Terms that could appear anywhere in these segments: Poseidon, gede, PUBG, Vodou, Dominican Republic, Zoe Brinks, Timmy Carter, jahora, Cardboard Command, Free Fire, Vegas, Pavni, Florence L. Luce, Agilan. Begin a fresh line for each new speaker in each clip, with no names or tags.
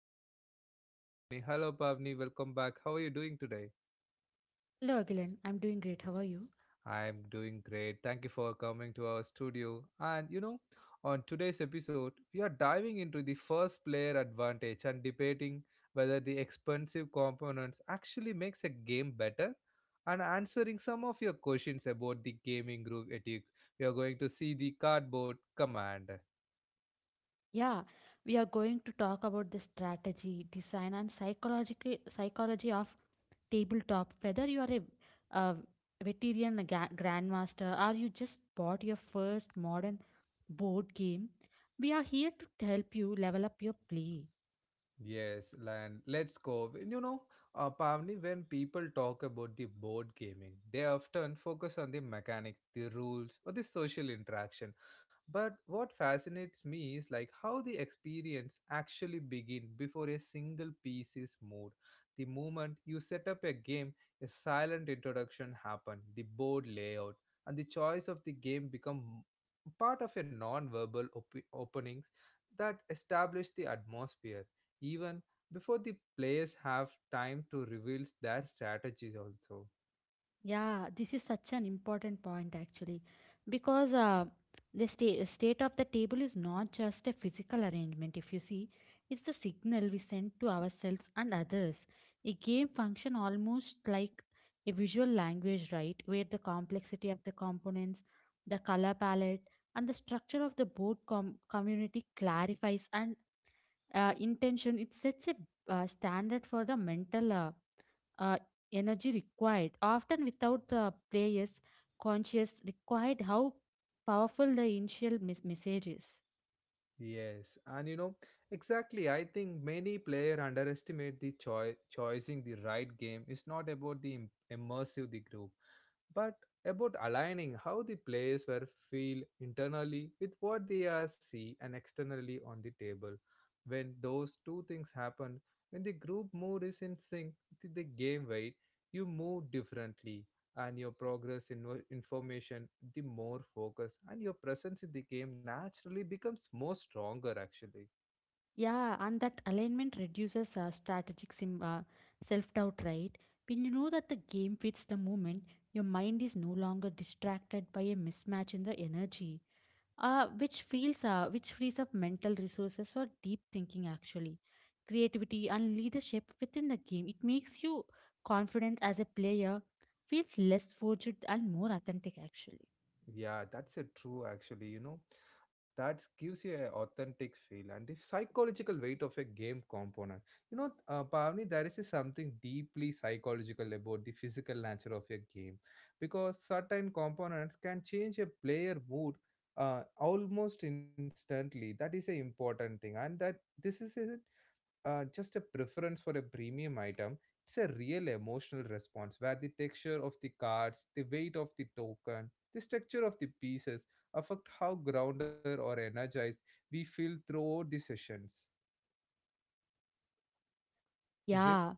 with me my co-host Pavni. Hello Pavni, welcome back. How are you doing today?
Hello Agilan, I'm doing great. How are you?
I'm doing great. Thank you for coming to our studio. On today's episode, we are diving into the first player advantage and debating whether the expensive components actually makes a game better and answering some of your questions about the gaming group ethic. We are going to see the cardboard command.
Yeah, we are going to talk about the strategy, design, and psychological psychology of tabletop. Whether you are a, uh grandmaster or you just bought your first modern board game, we are here to help you level up your play.
Yes, and let's go. Pavni, when people talk about the board gaming, they often focus on the mechanics, the rules, or the social interaction. But what fascinates me is like how the experience actually begin before a single piece is moved. The moment you set up a game, a silent introduction happen, the board layout, and the choice of the game become part of a non-verbal openings that establish the atmosphere even before the players have time to reveal their strategies also.
Yeah, this is such an important point actually, because the state of the table is not just a physical arrangement, if you see, it's the signal we send to ourselves and others. A game function almost like a visual language, right? Where the complexity of the components, the color palette, and the structure of the board community clarifies and intention. It sets a standard for the mental. Uh, Energy required, often without the player's conscious required how powerful the initial message is.
Yes and you know Exactly, I think many player underestimate the choosing the right game is not about the immersive the group but about aligning how the players were feel internally with what they are see and externally on the table. When those two things happen, when the group mood is in sync with the game weight, you move differently and your progress in information the more focus and your presence in the game naturally becomes more stronger actually.
Yeah, and that alignment reduces self doubt, right? When you know that the game fits the moment, your mind is no longer distracted by a mismatch in the energy, which frees up mental resources for deep thinking, actually, creativity and leadership within the game. It makes you confident as a player, feels less forged and more authentic, actually.
Yeah, that's a true actually, you know. That gives you an authentic feel and the psychological weight of a game component. Pavni, there is something deeply psychological about the physical nature of a game because certain components can change a player mood almost instantly. That is an important thing, and that this is a just a preference for a premium item, it's a real emotional response where the texture of the cards, the weight of the token, the structure of the pieces affect how grounded or energized we feel throughout the sessions. Is it?
Yeah,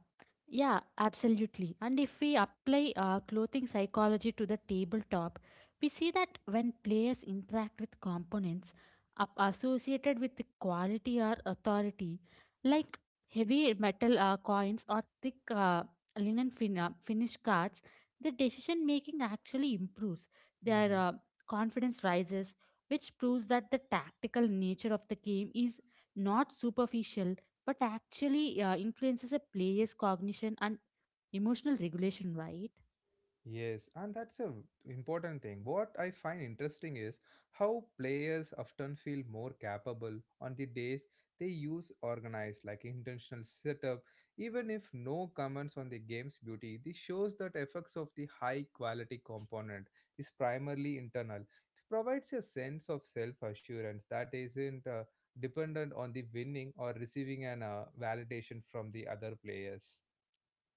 Yeah, absolutely. And if we apply clothing psychology to the tabletop, we see that when players interact with components up associated with the quality or authority, like heavy metal coins or thick finished cards, the decision making actually improves. Their
Mhm.
confidence rises, which proves that the tactical nature of the game is not superficial but actually influences a player's cognition and emotional regulation, right?
Yes, and that's a important thing. What I find interesting is how players often feel more capable on the days they use organized, like intentional setup. Even if no comments on the game's beauty, this shows that effects of the high quality component is primarily internal. It provides a sense of self assurance that isn't dependent on the winning or receiving an validation from the other players.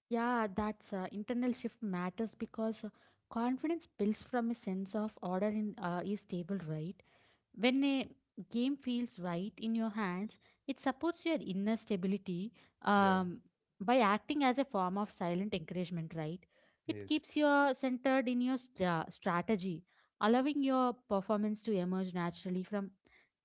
Yeah, that's internal shift matters because confidence builds from a sense of order in is stable, right? When a game feels right in your hands, it supports your inner stability
Yeah.
um, by acting as a form of silent encouragement, right? It
Yes.
keeps you centered in your strategy, allowing your performance to emerge naturally from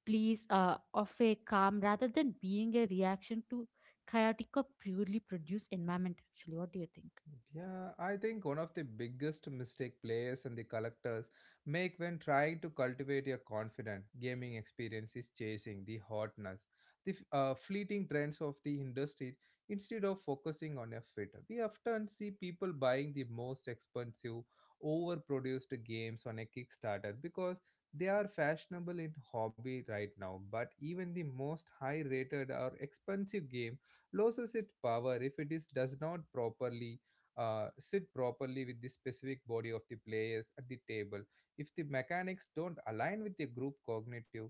please of a calm rather than being a reaction to chaotic or purely produced environment. Actually, what do you think?
Yeah, I think one of the biggest mistake players and the collectors make when trying to cultivate a confident gaming experience is chasing the hotness, the fleeting trends of the industry instead of focusing on a fit. We often see people buying the most expensive, overproduced games on a Kickstarter because they are fashionable in hobby right now. But even the most high-rated or expensive game loses its power if it is does not properly sit properly with the specific body of the players at the table. If the mechanics don't align with the group cognitive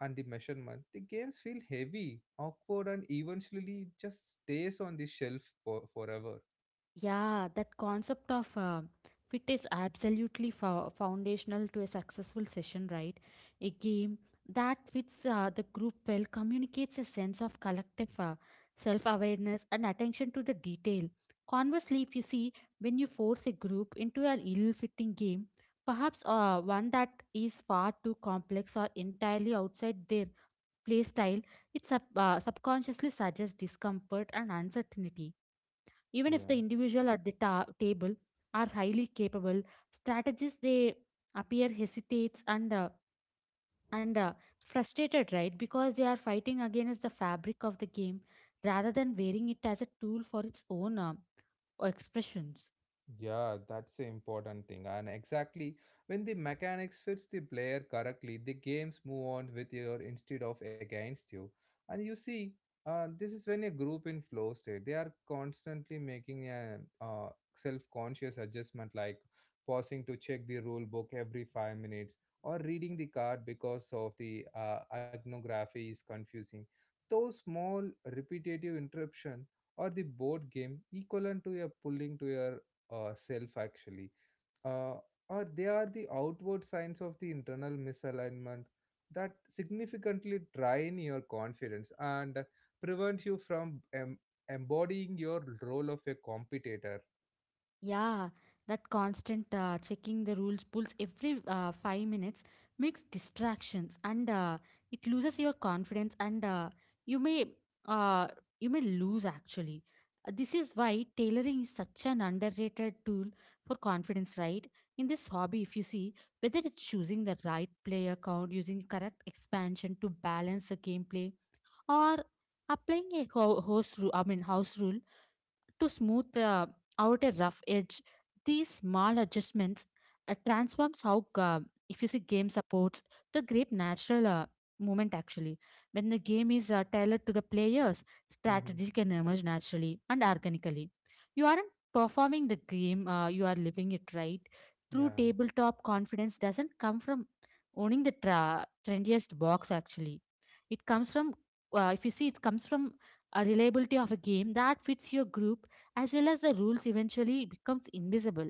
and the measurement, the games feel heavy, awkward, and eventually just stays on the shelf for, forever.
Yeah, that concept of fit is absolutely foundational to a successful session, right? A game that fits the group well communicates a sense of collective self awareness and attention to the detail. Conversely, if you see, when you force a group into an ill fitting game, perhaps one that is far too complex or entirely outside their play style, it subconsciously suggests discomfort and uncertainty. Even if the
Yeah.
individual at the table are highly capable, strategists they appear hesitates and frustrated, right? Because they are fighting against the fabric of the game rather than wearing it as a tool for its own expressions.
Yeah, that's the important thing. And exactly when the mechanics fits the player correctly, the games move on with you instead of against you. And you see, this is when a group in flow state, they are constantly making a self-conscious adjustment like pausing to check the rule book every 5 minutes or reading the card because of the iconography is confusing. Those small repetitive interruption or the board game equivalent to a pulling to your self actually uh, or they are the outward signs of the internal misalignment that significantly drain your confidence and prevent you from embodying your role of a competitor.
Yeah, that constant checking the rules pulls every 5 minutes makes distractions and it loses your confidence and you may uh, you may lose actually. This is why tailoring is such an underrated tool for confidence, right? In this hobby, if you see whether it's choosing the right player count, using correct expansion to balance the gameplay, or applying a host rule, I mean house rule to smooth out a rough edge. These small adjustments transforms how, if you see, game supports the great natural movement actually. When the game is tailored to the players,
Hmm.
strategy can emerge naturally and organically. You aren't performing the game, you are living it right. True
Yeah.
tabletop confidence doesn't come from owning the trendiest box actually. It comes from, if you see, it comes from a reliability of a game that fits your group as well as the rules eventually becomes invisible.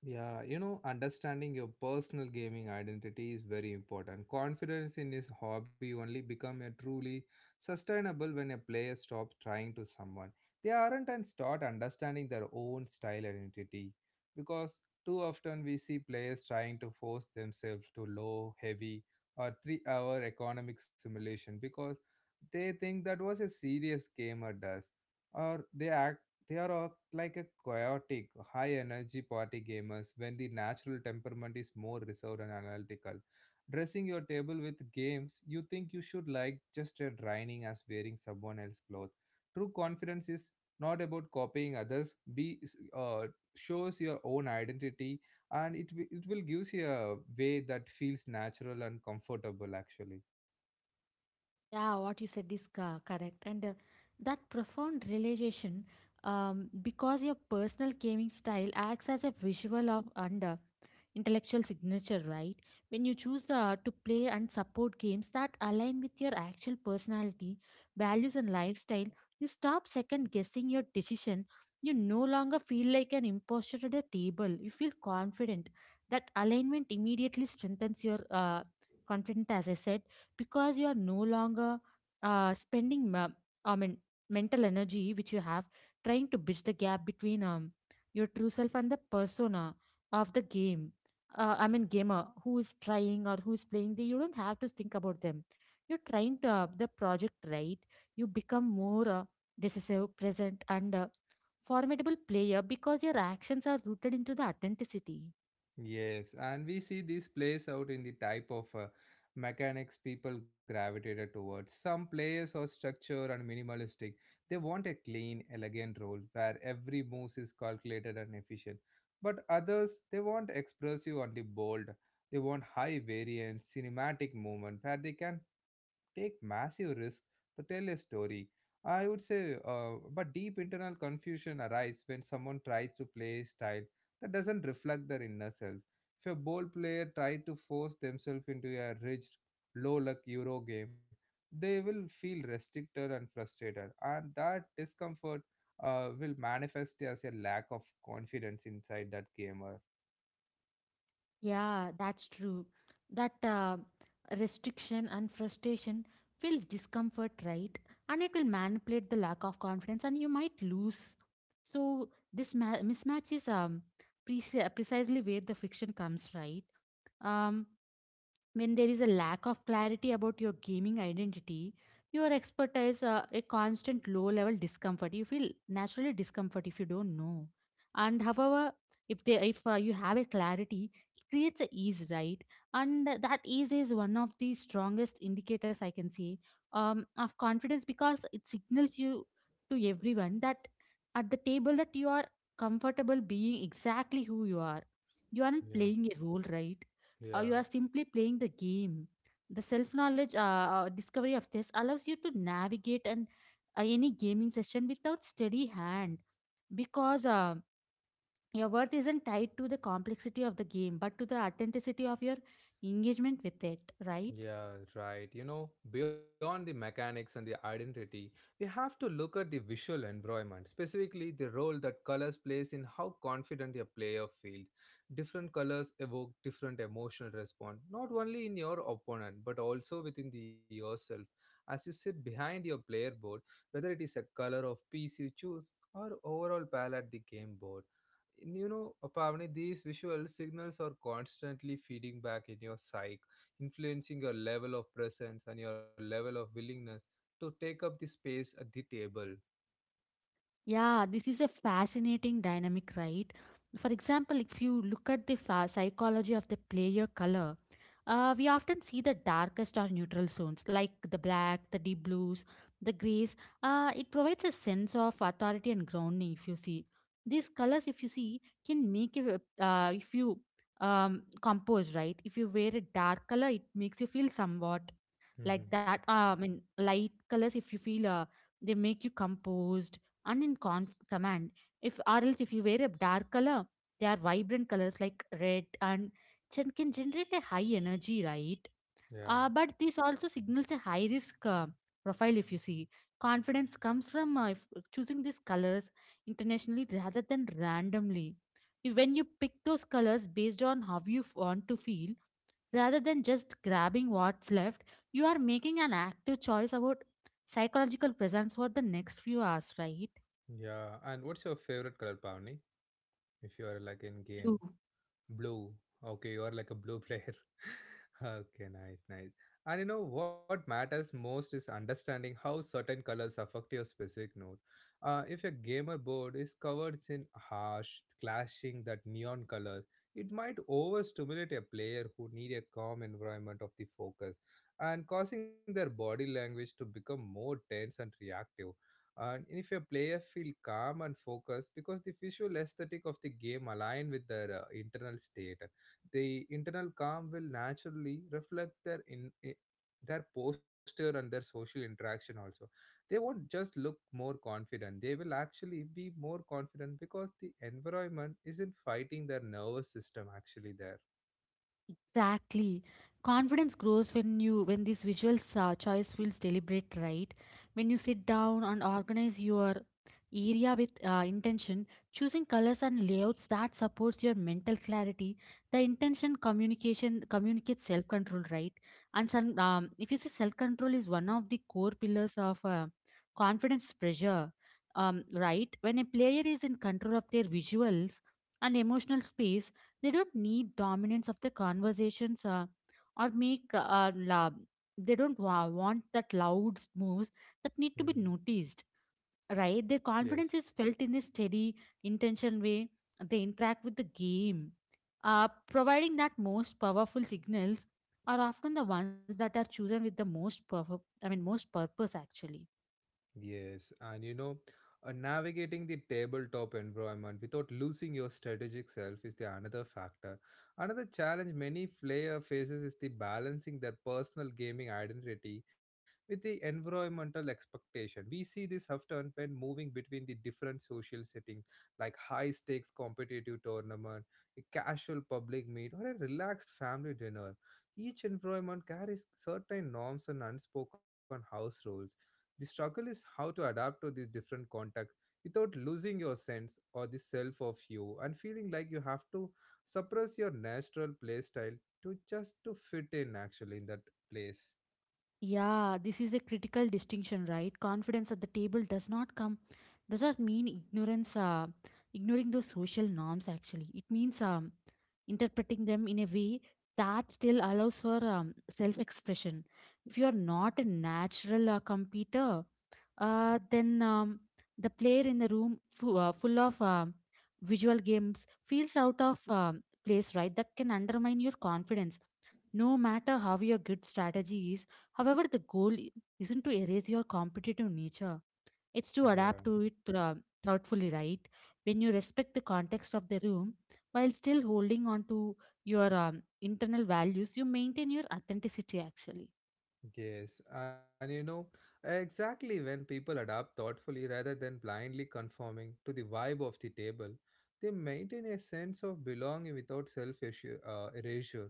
Yeah, you know, understanding your personal gaming identity is very important. Confidence in his hobby only become a truly sustainable when a player stops trying to someone. They aren't and start understanding their own style identity because too often we see players trying to force themselves to low, heavy, or 3-hour economic simulation because they think that was a serious gamer does, or they act they are all like a chaotic, high energy party gamers when the natural temperament is more reserved and analytical. Dressing your table with games you think you should like just as draining as wearing someone else's clothes. True confidence is not about copying others, be uh, shows your own identity and it will gives you a way that feels natural and comfortable actually.
Yeah, what you said is correct. And that profound realization, because your personal gaming style acts as a visual of and intellectual signature, right? When you choose the, to play and support games that align with your actual personality, values, and lifestyle, you stop second guessing your decision. You no longer feel like an imposter at a table. You feel confident. That alignment immediately strengthens your confidence, as I said because you are no longer spending i mean mental energy which you have trying to bridge the gap between your true self and the persona of the game gamer who is trying or who is playing the, you don't have to think about them you're trying to the project right you become more decisive present and formidable player because your actions are rooted into the authenticity.
Yes, and we see this plays out in the type of mechanics people gravitated towards. Some players are structured and minimalistic. They want a clean, elegant role where every move is calculated and efficient. But others, they want expressive and the bold. They want high variant, cinematic movement where they can take massive risk to tell a story. I would say, uh, but deep internal confusion arises when someone tries to play style that doesn't reflect their inner self. If a bold player tries to force themselves into a rigid, low luck Euro game, they will feel restricted and frustrated, and that discomfort will manifest as a lack of confidence inside that gamer.
Yeah, that's true. That restriction and frustration feels discomfort, right? And it will manipulate the lack of confidence, and you might lose. So this mismatch is precisely where the friction comes, right? Um, when there is a lack of clarity about your gaming identity your expertise a constant low level discomfort you feel naturally discomfort if you don't know and however if they if you have a clarity it creates a ease right and that ease is one of the strongest indicators I can say of confidence because it signals you to everyone that at the table that you are comfortable being exactly who you are you aren't
Yeah,
playing a role right. You
yeah.
are simply playing the game. The self knowledge discovery of this allows you to navigate an, any gaming session without steady hand because your worth isn't tied to the complexity of the game but to the authenticity of your engagement with it, right?
Yeah, right. You know, beyond the mechanics and the identity, we have to look at the visual environment, specifically the role that colors plays in how confident your player feels. Different colors evoke different emotional response, not only in your opponent but also within the yourself. As you sit behind your player board, whether it is a color of piece you choose or overall pal at the game board. You know, Pavani, these visual signals are constantly feeding back in your psyche influencing your level of presence and your level of willingness to take up the space at the table.
Yeah, this is a fascinating dynamic, right? For example, if you look at the psychology of the player color, we often see the darkest or neutral zones like the black, the deep blues, the grays. It provides a sense of authority and grounding. If you see these colors, if you see, can make you, if you compose right. If you wear a dark color, it makes you feel somewhat like
Mm-hmm.
that. I mean, light colors, if you feel, they make you composed and in command if or else if you wear a dark color they are vibrant colors like red and can generate a high energy right.
Yeah,
But this also signals a high risk profile if you see confidence comes from if choosing these colors internationally rather than randomly. If when you pick those colors based on how you want to feel rather than just grabbing what's left you are making an active choice about psychological presence for the next few hours right.
yeah. And what's your favorite color, Pavni? If you are like in game.
Do.
Blue. Okay, you are like a blue player. Okay, nice, nice. And you know what matters most is understanding how certain colors affect your specific note. If your gamer board is covered in harsh, clashing that neon colors, it might overstimulate a player who need a calm environment of the focus and causing their body language to become more tense and reactive. And if your players feel calm and focused because the visual aesthetic of the game align with their internal state, the internal calm will naturally reflect their their posture and their social interaction also. They won't just look more confident. They will actually be more confident because the environment isn't fighting their nervous system actually there.
Exactly. Confidence grows when you when this visual choice feels deliberate, right? When you sit down and organize your area with intention choosing colors and layouts that supports your mental clarity the intention communication communicates self control right and some, if you say self control is one of the core pillars of confidence pressure right when a player is in control of their visuals and emotional space they don't need dominance of the conversations or make uh, la- they don't want that loud moves that need
Hmm.
to be noticed right? Their
Yes.
confidence is felt in a steady, intention way. They interact with the game, providing that most powerful signals are often the ones that are chosen with the most perfect, I mean, most purpose actually.
Yes, and you know, Navigating the tabletop environment without losing your strategic self is the another factor. Another challenge many player faces is the balancing their personal gaming identity with the environmental expectation. We see this often when moving between the different social settings, like high stakes competitive tournament, a casual public meet, or a relaxed family dinner. Each environment carries certain norms and unspoken house rules the struggle is how to adapt to the different contexts without losing your sense or the self of you and feeling like you have to suppress your natural play style to just to fit in actually in that place.
Yeah, this is a critical distinction, right? Confidence at the table does not come, does not mean ignorance, ignoring those social norms, actually. It means interpreting them in a way that still allows for self expression. If you are not a natural competitor, uh, then um, the player in the room full of visual games feels out of place, right? That can undermine your confidence. No matter how your good strategy is, however, the goal isn't to erase your competitive nature. It's to adapt
Yeah.
to it thoughtfully, right? When you respect the context of the room while still holding on to your internal values, you maintain your authenticity actually.
Yes, and you know, exactly when people adapt thoughtfully rather than blindly conforming to the vibe of the table, they maintain a sense of belonging without self erasure.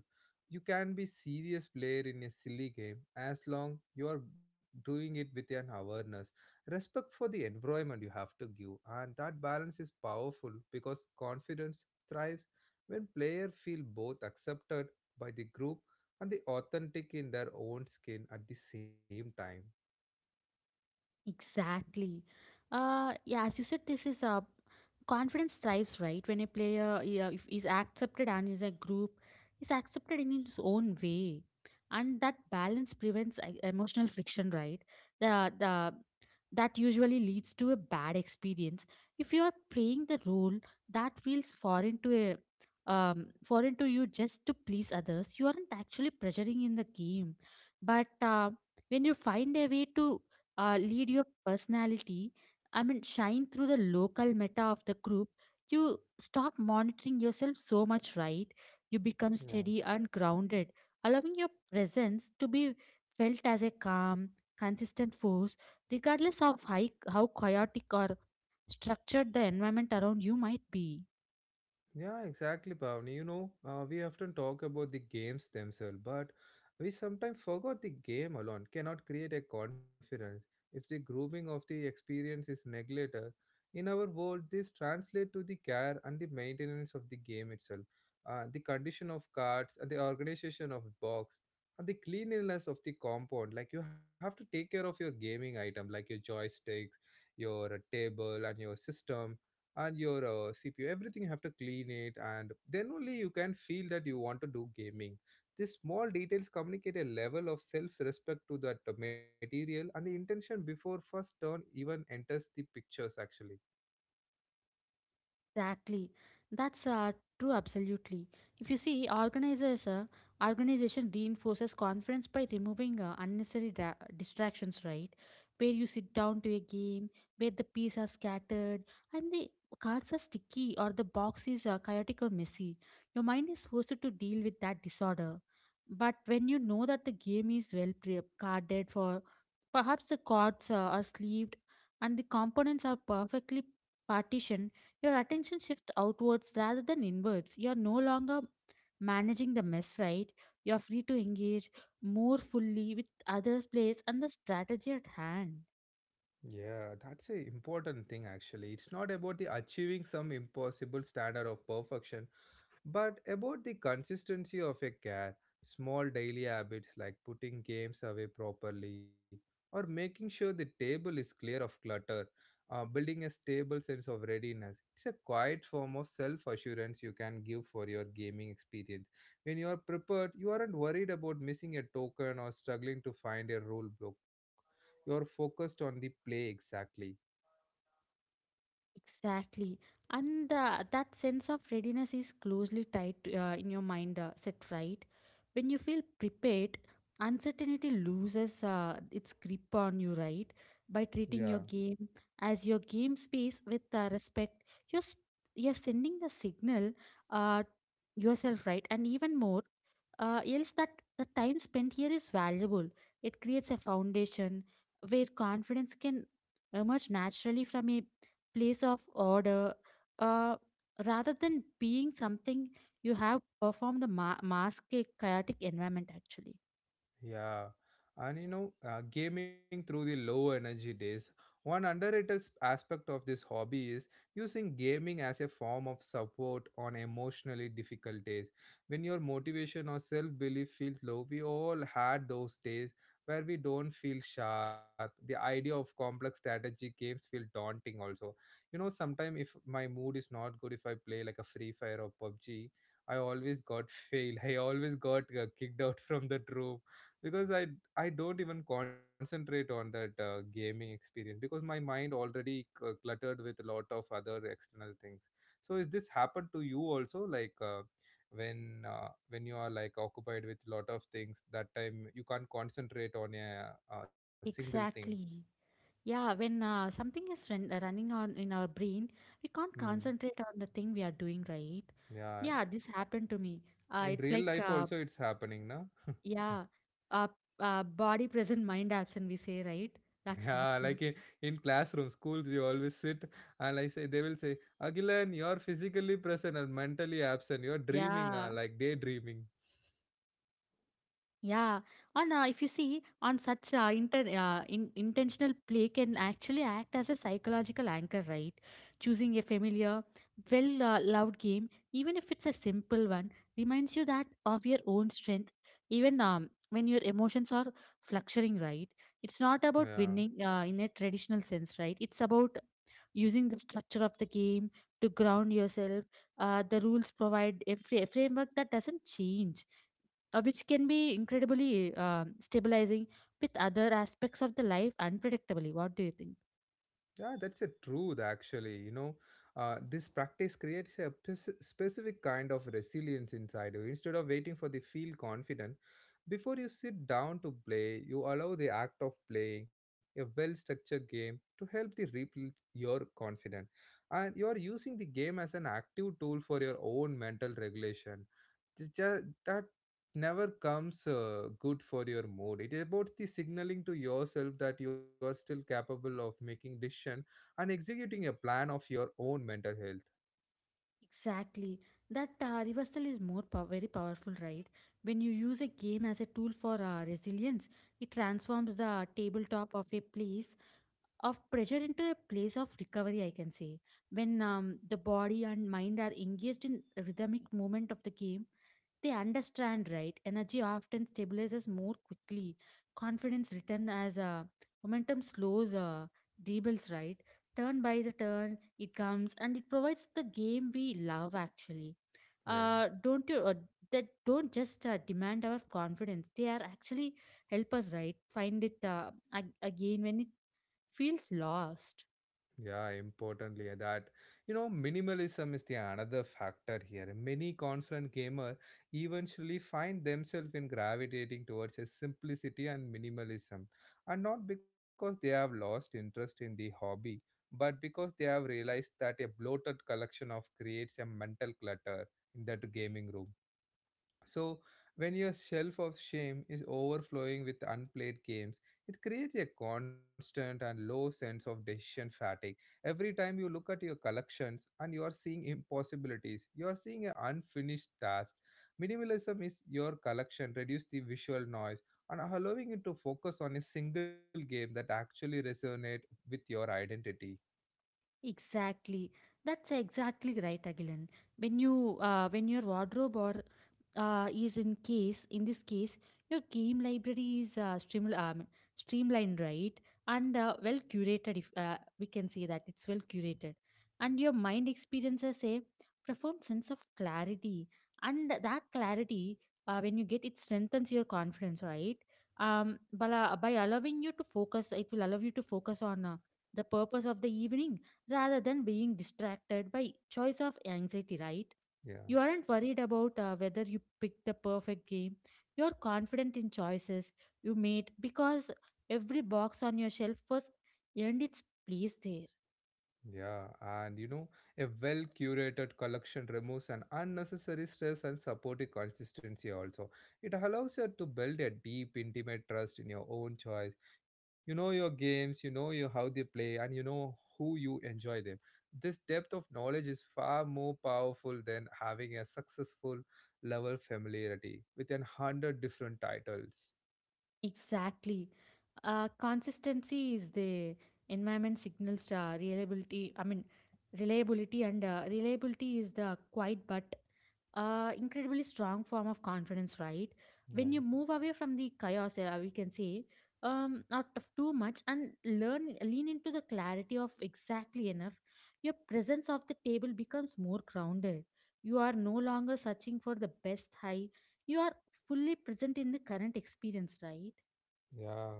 You can be serious player in a silly game as long you are doing it with an awareness, respect for the environment you have to give, and that balance is powerful because confidence thrives when players feel both accepted by the group and the authentic in their own skin at the same time.
Exactly. Yeah, as you said, this is a confidence thrives, right? When a player yeah, if is accepted and is a group, is accepted in its own way, and that balance prevents emotional friction, right? The That usually leads to a bad experience. If you are playing the role that feels foreign to a foreign to you just to please others, you aren't actually pressuring in the game, but when you find a way to lead your personality, I mean, shine through the local meta of the group, you stop monitoring yourself so much, right? You become
Yeah.
steady and grounded, allowing your presence to be felt as a calm, consistent force, regardless of how chaotic or structured the environment around you might be.
Yeah, exactly, Pavni. We often talk about the games themselves, but we sometimes forgot the game alone cannot create a confidence if the grooming of the experience is neglected. In our world, this translates to the care and the maintenance of the game itself, the condition of cards, and the organization of box, and the cleanliness of the compound. Like you have to take care of your gaming item, like your joysticks, your table, and your system and your CPU everything you have to clean it and then only you can feel that you want to do gaming these small details communicate a level of self-respect to that material and the intention before first turn even enters the pictures actually.
Exactly. That's true, absolutely. If you see, organization reinforces conference by removing unnecessary distractions, right? Where you sit down to a game, where the pieces are scattered, and the cards are sticky or the box is chaotic or messy. Your mind is forced to deal with that disorder. But when you know that the game is well carded for perhaps the cords are sleeved and the components are perfectly partitioned. Your attention shifts outwards rather than inwards. You are no longer managing the mess, right? You are free to engage more fully with others' place and the strategy at hand.
Yeah, that's a important thing actually. It's not about the achieving some impossible standard of perfection, but about the consistency of a care, small daily habits like putting games away properly or making sure the table is clear of clutter, building a stable sense of readiness. It's a quiet form of self assurance you can give for your gaming experience. When you are prepared, you aren't worried about missing a token or struggling to find a rule book. You are focused on the play exactly.
Exactly. And that sense of readiness is closely tied to, in your mind set right. When you feel prepared, uncertainty loses its grip on you, right? By
Yeah.
treating your game as your game space with respect, you're, s- you're sending the signal uh, yourself, right? And even more, else that the time spent here is valuable. It creates a foundation where confidence can emerge naturally from a place of order, uh, rather than being something you have performed the mask a chaotic environment actually.
Yeah, and you know, gaming through the low energy days. One underrated aspect of this hobby is using gaming as a form of support on emotionally difficult days. When your motivation or self belief feels low, we all had those days where we don't feel sharp. The idea of complex strategy games feel daunting, also. You know, sometimes if my mood is not good, if I play like a Free Fire or PUBG, I always got failed. I always got kicked out from the room because I don't even concentrate on that gaming experience because my mind already cluttered with a lot of other external things. So is this happened to you also, like when you are like occupied with a lot of things, that time you can't concentrate on a single thing?
Exactly. Yeah, when running on in our brain, we can't
Hmm.
concentrate on the thing we are doing right.
Yeah,
Yeah, this happened to me.
in
It's
real
like
life also it's happening na.
yeah uh, Body present, mind absent, we say right.
Yeah,
That's
like
happening.
in classroom, schools, we always sit and I say, they will say, Agilan, you're physically present and mentally absent. You're dreaming,
Yeah.
like daydreaming.
Yeah, and if you see on such inter in intentional play can actually act as a psychological anchor, right? Choosing a familiar, well loved game, even if it's a simple one, reminds you that of your own strength. Even when your emotions are fluctuating, right? It's
Yeah.
not about winning in a traditional sense, right? It's about using the structure of the game to ground yourself. The rules provide a framework that doesn't change, which can be incredibly stabilizing with other aspects of the life unpredictably. What do you think?
Yeah, that's a truth actually. You know, this practice creates a specific kind of resilience inside you. Instead of waiting for the feel confident, before you sit down to play, you allow the act of playing a well-structured game to help the rebuild your confidence. And you are using the game as an active tool for your own mental regulation, just, that never comes good for your mood. It is about the signaling to yourself that you are still capable of making decision and executing a plan of your own mental health.
Exactly. That reversal is very powerful, right? When you use a game as a tool for resilience, it transforms the tabletop of a place of pressure into a place of recovery, I can say. When the body and mind are engaged in rhythmic movement of the game, they understand, right? Energy often stabilizes more quickly. Confidence return as momentum slows, dribbles, right? Turn by the turn, it comes and it provides the game we love actually.
Yeah.
Don't you that don't just demand our confidence, they are actually help us right find it again when it feels lost.
Yeah, importantly, that you know, minimalism is the another factor here. Many constant gamer eventually find themselves in gravitating towards a simplicity and minimalism, and not because they have lost interest in the hobby, but because they have realized that a bloated collection of creates a mental clutter in that gaming room. So, when your shelf of shame is overflowing with unplayed games, it creates a constant and low sense of decision fatigue. Every time you look at your collections and you are seeing impossibilities, you are seeing an unfinished task. Minimalism is your collection, reduce the visual noise, and allowing it to focus on a single game that actually resonate with your identity.
Exactly. That's exactly right, Agilan. When you when your wardrobe or is in case, in this case your game library is streamlined right, and well curated, if we can say that it's well curated, and your mind experiences a profound sense of clarity, and that clarity, when you get it, strengthens your confidence right, um, by, by allowing you to focus, it will allow you to focus on the purpose of the evening rather than being distracted by choice of anxiety, right?
Yeah.
You aren't worried about whether you picked the perfect game. You're confident in choices you made because every box on your shelf was earned its place there.
Yeah, and you know, a well curated collection removes an unnecessary stress and supportive consistency also. It allows you to build a deep, intimate trust in your own choice. You know your games, you know your how they play, and you know who you enjoy them. This depth of knowledge is far more powerful than having a successful level familiarity with an hundred different titles.
Exactly. Consistency is the environment signals reliability. I mean, reliability is the quiet but incredibly strong form of confidence, right? When you
Yeah.
move away from the chaos, we can say, out of too much and lean into the clarity of exactly enough, your presence of the table becomes more grounded. You are no longer searching for the best high. You are fully present in the current experience, right?
Yeah,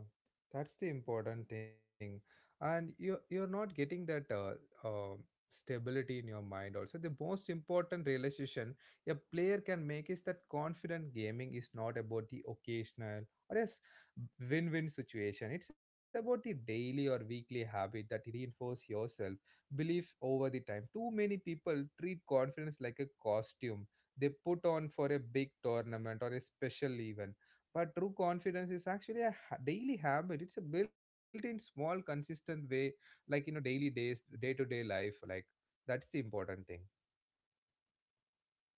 that's the important thing. And you you're not getting that uh, stability in your mind also. The most important realization a player can make is that confident gaming is not about the occasional or a win-win situation. It's about the daily or weekly habit that you reinforce yourself, belief over the time. Too many people treat confidence like a costume they put on for a big tournament or a special event, but true confidence is actually a daily habit. It's a built in small consistent way, like in a daily days day to day life like that's the important thing.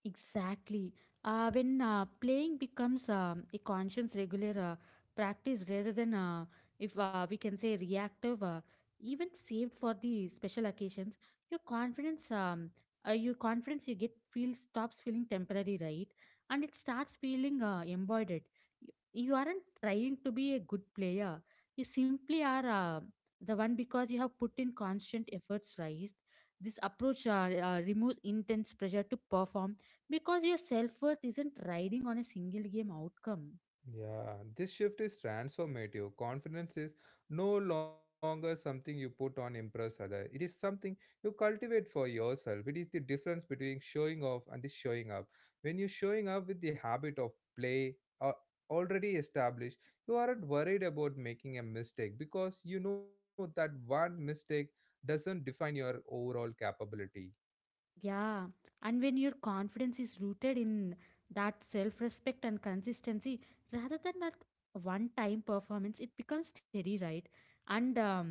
Exactly. When playing becomes a conscious regular practice rather than, if we can say, reactive, even saved for the special occasions, your confidence, um, your confidence you get feels stops feeling temporary, right? And it starts feeling embodied. You aren't trying to be a good player. You simply are the one because you have put in constant efforts, right? This approach removes intense pressure to perform because your self worth isn't riding on a single game outcome.
Yeah, this shift is transformative. Confidence is no longer something you put on impress other. It is something you cultivate for yourself. It is the difference between showing off and the showing up. When you're showing up with the habit of play, uh, already established, you aren't worried about making a mistake because you know that one mistake doesn't define your overall capability.
Yeah, and when your confidence is rooted in that self respect and consistency rather than that one time performance, it becomes steady, right? And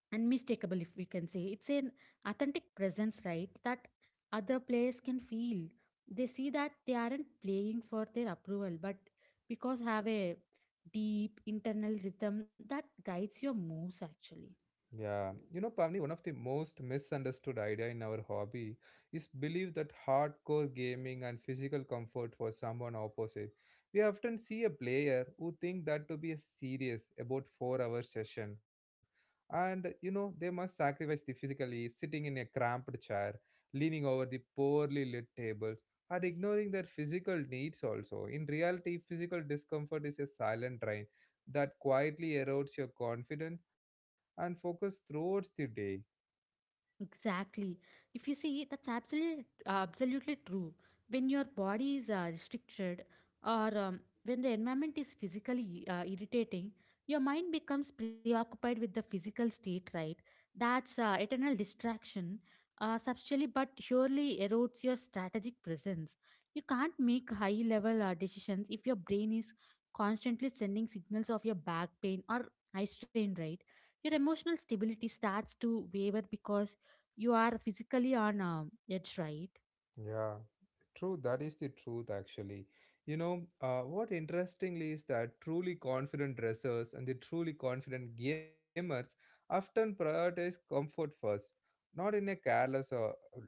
unmistakable, if we can say. It's an authentic presence, right? That other players can feel. They see that they aren't playing for their approval, but because have a deep internal rhythm that guides your moves actually.
Yeah, you know, Pavni, one of the most misunderstood idea in our hobby is believe that hardcore gaming and physical comfort for someone opposite. We often see a player who think that to be a serious about 4 hour session, and you know they must sacrifice the physically sitting in a cramped chair, leaning over the poorly lit tables, and ignoring their physical needs. Also, in reality, physical discomfort is a silent drain that quietly erodes your confidence and focus throughout the day.
Exactly. If you see, that's absolutely absolutely true. When your body is restricted, or when the environment is physically irritating, your mind becomes preoccupied with the physical state. Right? That's eternal distraction. Subtly but surely erodes your strategic presence. You can't make high level decisions if your brain is constantly sending signals of your back pain or eye strain. Right? Your emotional stability starts to waver because you are physically on edge, right?
Yeah, true. That is the truth, actually. You know, what interestingly is that truly confident dressers and the truly confident gamers often prioritize comfort first, not in a careless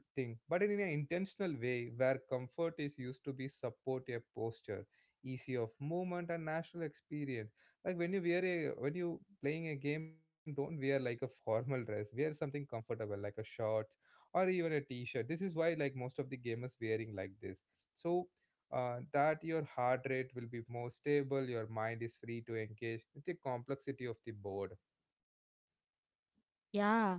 thing, but in an intentional way where comfort is used to be support a posture, easy of movement, and natural experience. Like when you wear a when you playing a game, don't wear like a formal dress. Wear something comfortable, like a short or even a t-shirt. This is why like most of the gamers wearing like this, so that your heart rate will be more stable, your mind is free to engage with the complexity of the board.
Yeah,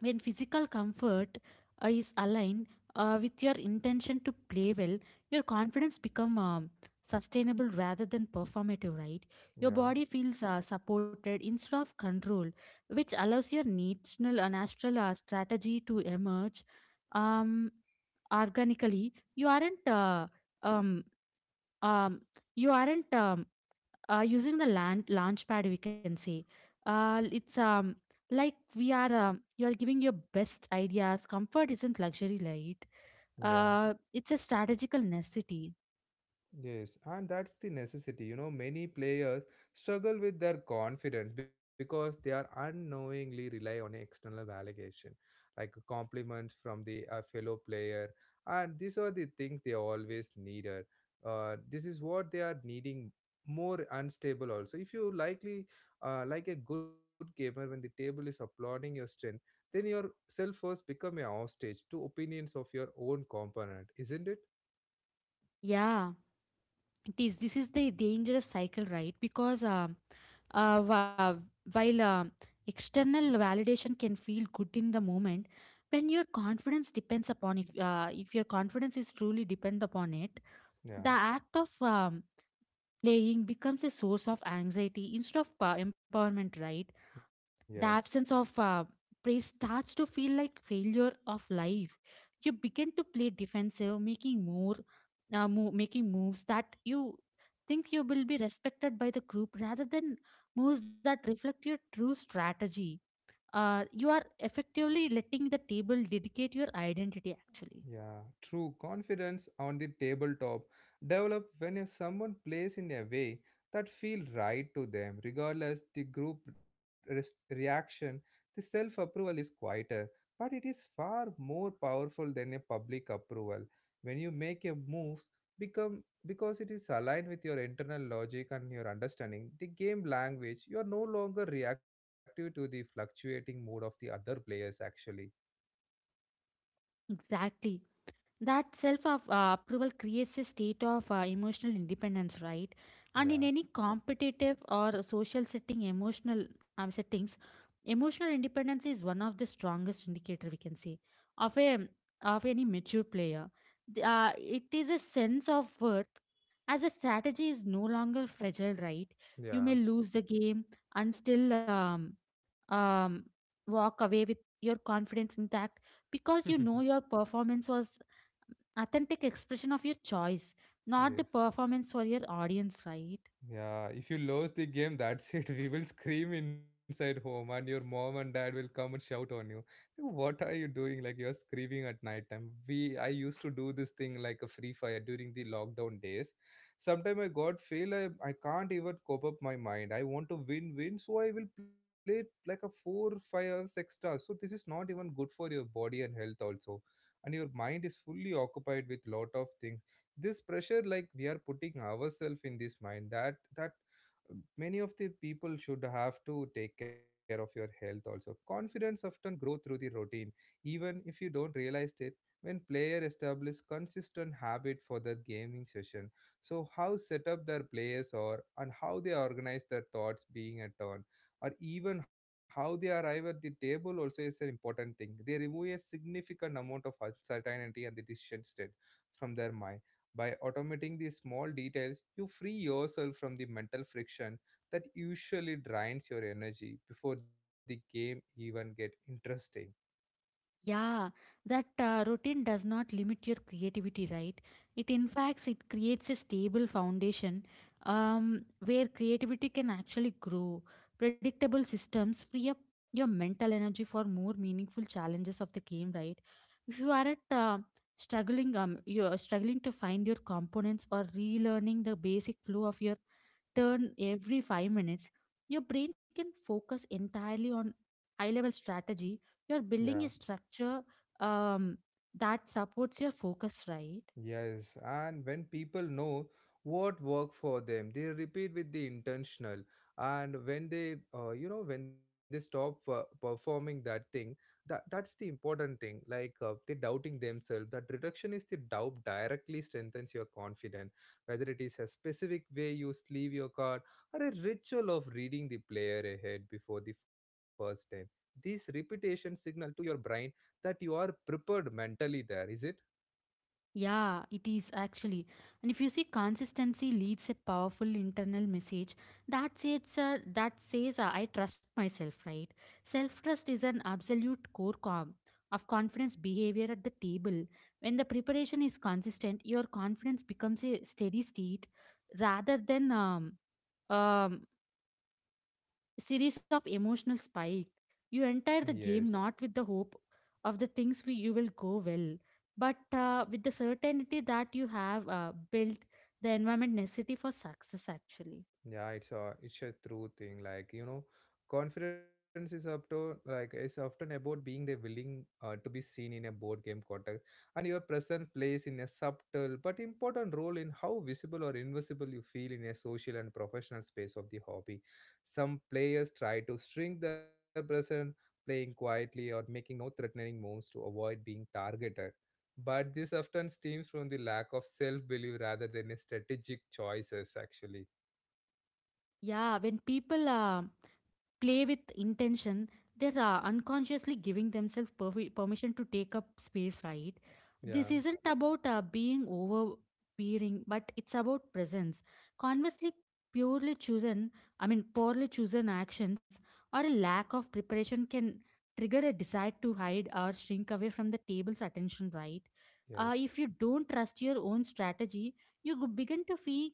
when physical comfort is aligned with your intention to play well, your confidence become sustainable rather than performative, right? Your
Yeah,
body feels supported instead of controlled, which allows your national natural strategy to emerge um, organically. Um, um, you aren't using the land launch pad we can say. It's Like we are you are giving your best ideas. Comfort isn't luxury right,
yeah.
it's a strategical necessity.
Yes, and that's the necessity. You know, many players struggle with their confidence because they are unknowingly rely on external validation, like compliments from the fellow player, and these are the things they always needed. This is what they are needing more unstable also. If you likely like a good gamer, when the table is applauding your strength, then your self first become a hostage to opinions of your own component, isn't it?
Yeah, it is. This is the dangerous cycle right because wha- while external validation can feel good in the moment. When your confidence depends upon, if your confidence is truly depend upon it,
Yeah.
the act of playing becomes a source of anxiety instead of empowerment, right? The
Yes.
absence of praise starts to feel like failure of life. You begin to play defensive, making moves that you think you will be respected by the group rather than moves that reflect your true strategy. You are effectively letting the table dedicate your identity, actually.
Yeah, true. Confidence on the tabletop develop when if someone plays in a way that feel right to them, regardless the group reaction. The self-approval is quieter, but it is far more powerful than a public approval. When you make a move, become because it is aligned with your internal logic and your understanding the game language. You are no longer reactive to the fluctuating mood of the other players. Actually,
Exactly. That self of approval creates a state of emotional independence, right? And in
yeah,
any competitive or social setting, emotional settings, emotional independence is one of the strongest indicator we can say of a of any mature player. It is a sense of worth as a strategy is no longer fragile, right? You
yeah,
may lose the game and still um, walk away with your confidence intact because you know your performance was authentic expression of your choice, not the
yes.
performance for your audience, right?
Yeah, if you lose the game, that's it. We will scream inside home, and your mom and dad will come and shout on you. What are you doing? Like you're screaming at night time. I used to do this thing like a free fire during the lockdown days. Sometimes I got fail. I can't even cope up my mind. I want to win, win. So I will play like a four, 5 hours extra. So this is not even good for your body and health also, and your mind is fully occupied with lot of things. This pressure, like we are putting ourselves in this mind, that many of the people should have to take care of your health also. Confidence often grow through the routine, even if you don't realize it. When player establish consistent habit for their gaming session, so how set up their players or and how they organize their thoughts being a turn, or even how they arrive at the table also is an important thing. They remove a significant amount of uncertainty and the decision state from their mind. By automating these small details, you free yourself from the mental friction that usually drains your energy before the game even get interesting.
Yeah, that routine does not limit your creativity, right? It, in fact, it creates a stable foundation where creativity can actually grow. Predictable systems free up your mental energy for more meaningful challenges of the game, right? If you are at struggling, you are struggling to find your components or relearning the basic flow of your turn every 5 minutes, your brain can focus entirely on high level strategy. You're
Yeah.
building a structure um, that supports your focus, right?
Yes, and when people know what work for them, they repeat with the intentional. And when they, you know, when they stop performing that thing, that's the important thing. Like they doubting themselves. That reduction is the doubt directly strengthens your confidence. Whether it is a specific way you sleeve your card or a ritual of reading the player ahead before the first time, this repetition signal to your brain that you are prepared mentally. There is it.
Yeah, it is actually. And if you see, consistency leads a powerful internal message that says, I trust myself, right? Self trust is an absolute core com of confidence behavior at the table. When the preparation is consistent, your confidence becomes a steady state rather than um, series of emotional spike. You enter the
Yes.
game not with the hope of you will go well, but with the certainty that you have built the environment necessity for success actually.
Yeah, it's a true thing. Like you know, confidence is up to like it's often about being the willing to be seen in a board game context, and your presence plays in a subtle but important role in how visible or invisible you feel in a social and professional space of the hobby. Some players try to shrink their presence, playing quietly or making no threatening moves to avoid being targeted. But this often stems from the lack of self belief rather than a strategic choices, actually.
Yeah, when people play with intention, they're unconsciously giving themselves permission to take up space, right?
Yeah.
This isn't about being overbearing, but it's about presence. Conversely, purely chosen, I mean, poorly chosen actions or a lack of preparation can trigger a desire to hide or shrink away from the table's attention, right?
Yes.
If you don't trust your own strategy, you begin to feel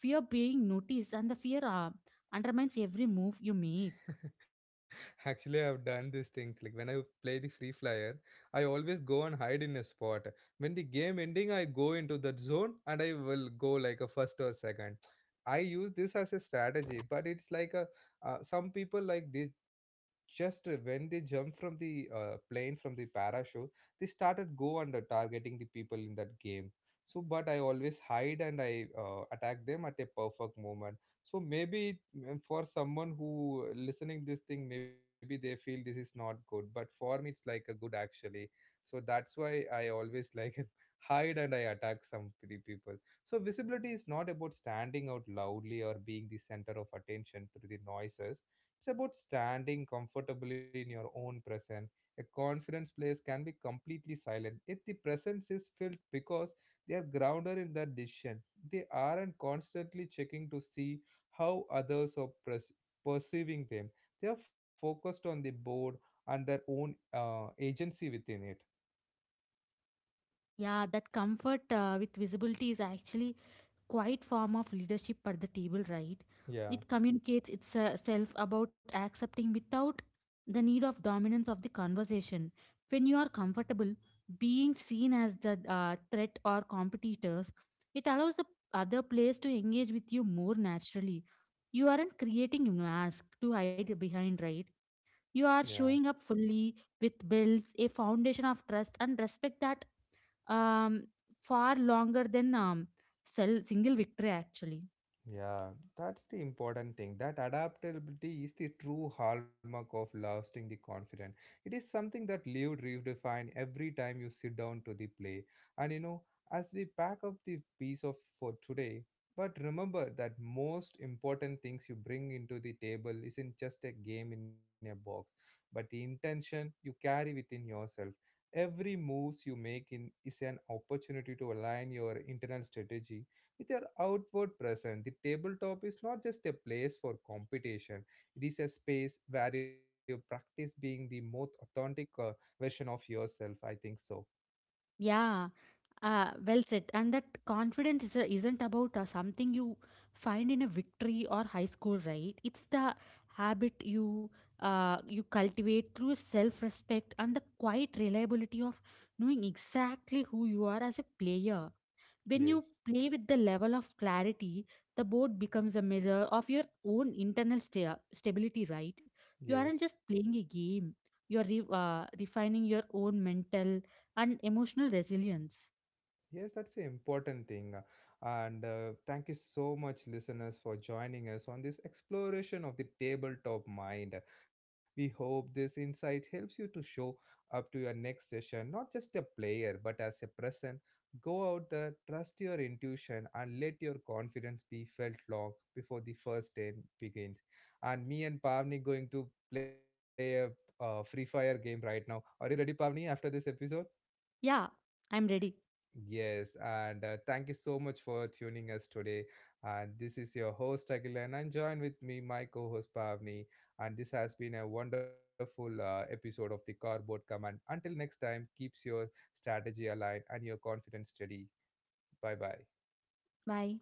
fear being noticed, and the fear undermines every move you make.
Actually, I've done these things. Like when I play the Free Flyer, I always go and hide in a spot. When the game ending, I go into that zone and I will go like a first or second. I use this as a strategy, but it's like a some people like they just when they jump from the plane from the parachute, they started go and targeting the people in that game. So, but I always hide and I attack them at a perfect moment. So maybe, and for someone who listening this thing, maybe they feel this is not good, but for me it's like a good actually. So that's why I always like hide and I attack some people. So visibility is not about standing out loudly or being the center of attention through the noises. It's about standing comfortably in your own presence. A confidence place can be completely silent if the presence is filled, because they are grounded in their decision. They aren't constantly checking to see how others are perceiving them. They are focused on the board and their own agency within it.
Yeah, that comfort with visibility is actually quite form of leadership at the table right.
Yeah,
It communicates itself about accepting without the need of dominance of the conversation. When you are comfortable being seen as the threat or competitors, it allows the other players to engage with you more naturally. You aren't creating a mask to hide behind right, you are
yeah.
showing up fully with builds a foundation of trust and respect that um, far longer than single victory actually.
Yeah, that's the important thing. That adaptability is the true hallmark of lasting the confident. It is something that lived redefine every time you sit down to the play. And you know, as we pack up the piece of for today, but remember that most important things you bring into the table isn't just a game in a box, but the intention you carry within yourself. Every moves you make in is an opportunity to align your internal strategy with your outward presence. The tabletop is not just a place for competition, it is a space where you practice being the most authentic version of yourself. I think so.
Yeah, well said. And that confidence isn't about something you find in a victory or high school right. It's the habit you cultivate through self-respect and the quiet reliability of knowing exactly who you are as a player. When you
Yes,
play with the level of clarity, the board becomes a mirror of your own internal stability, right? You aren't
yes.
just playing a game, you are refining your own mental and emotional resilience.
Yes, that's an important thing. And thank you so much, listeners, for joining us on this exploration of the tabletop mind. We hope this insight helps you to show up to your next session, not just a player, but as a person. Go out there, trust your intuition, and let your confidence be felt long before the first day begins. And me and Pavni going to play a free fire game right now. Are you ready, Pavni, after this episode?
Yeah, I'm ready.
Yes, and thank you so much for tuning us today. And this is your host Agilan, and join with me my co-host Pavni. And this has been a wonderful episode of the Cardboard Command. Until next time, keeps your strategy aligned and your confidence steady. Bye bye.
Bye.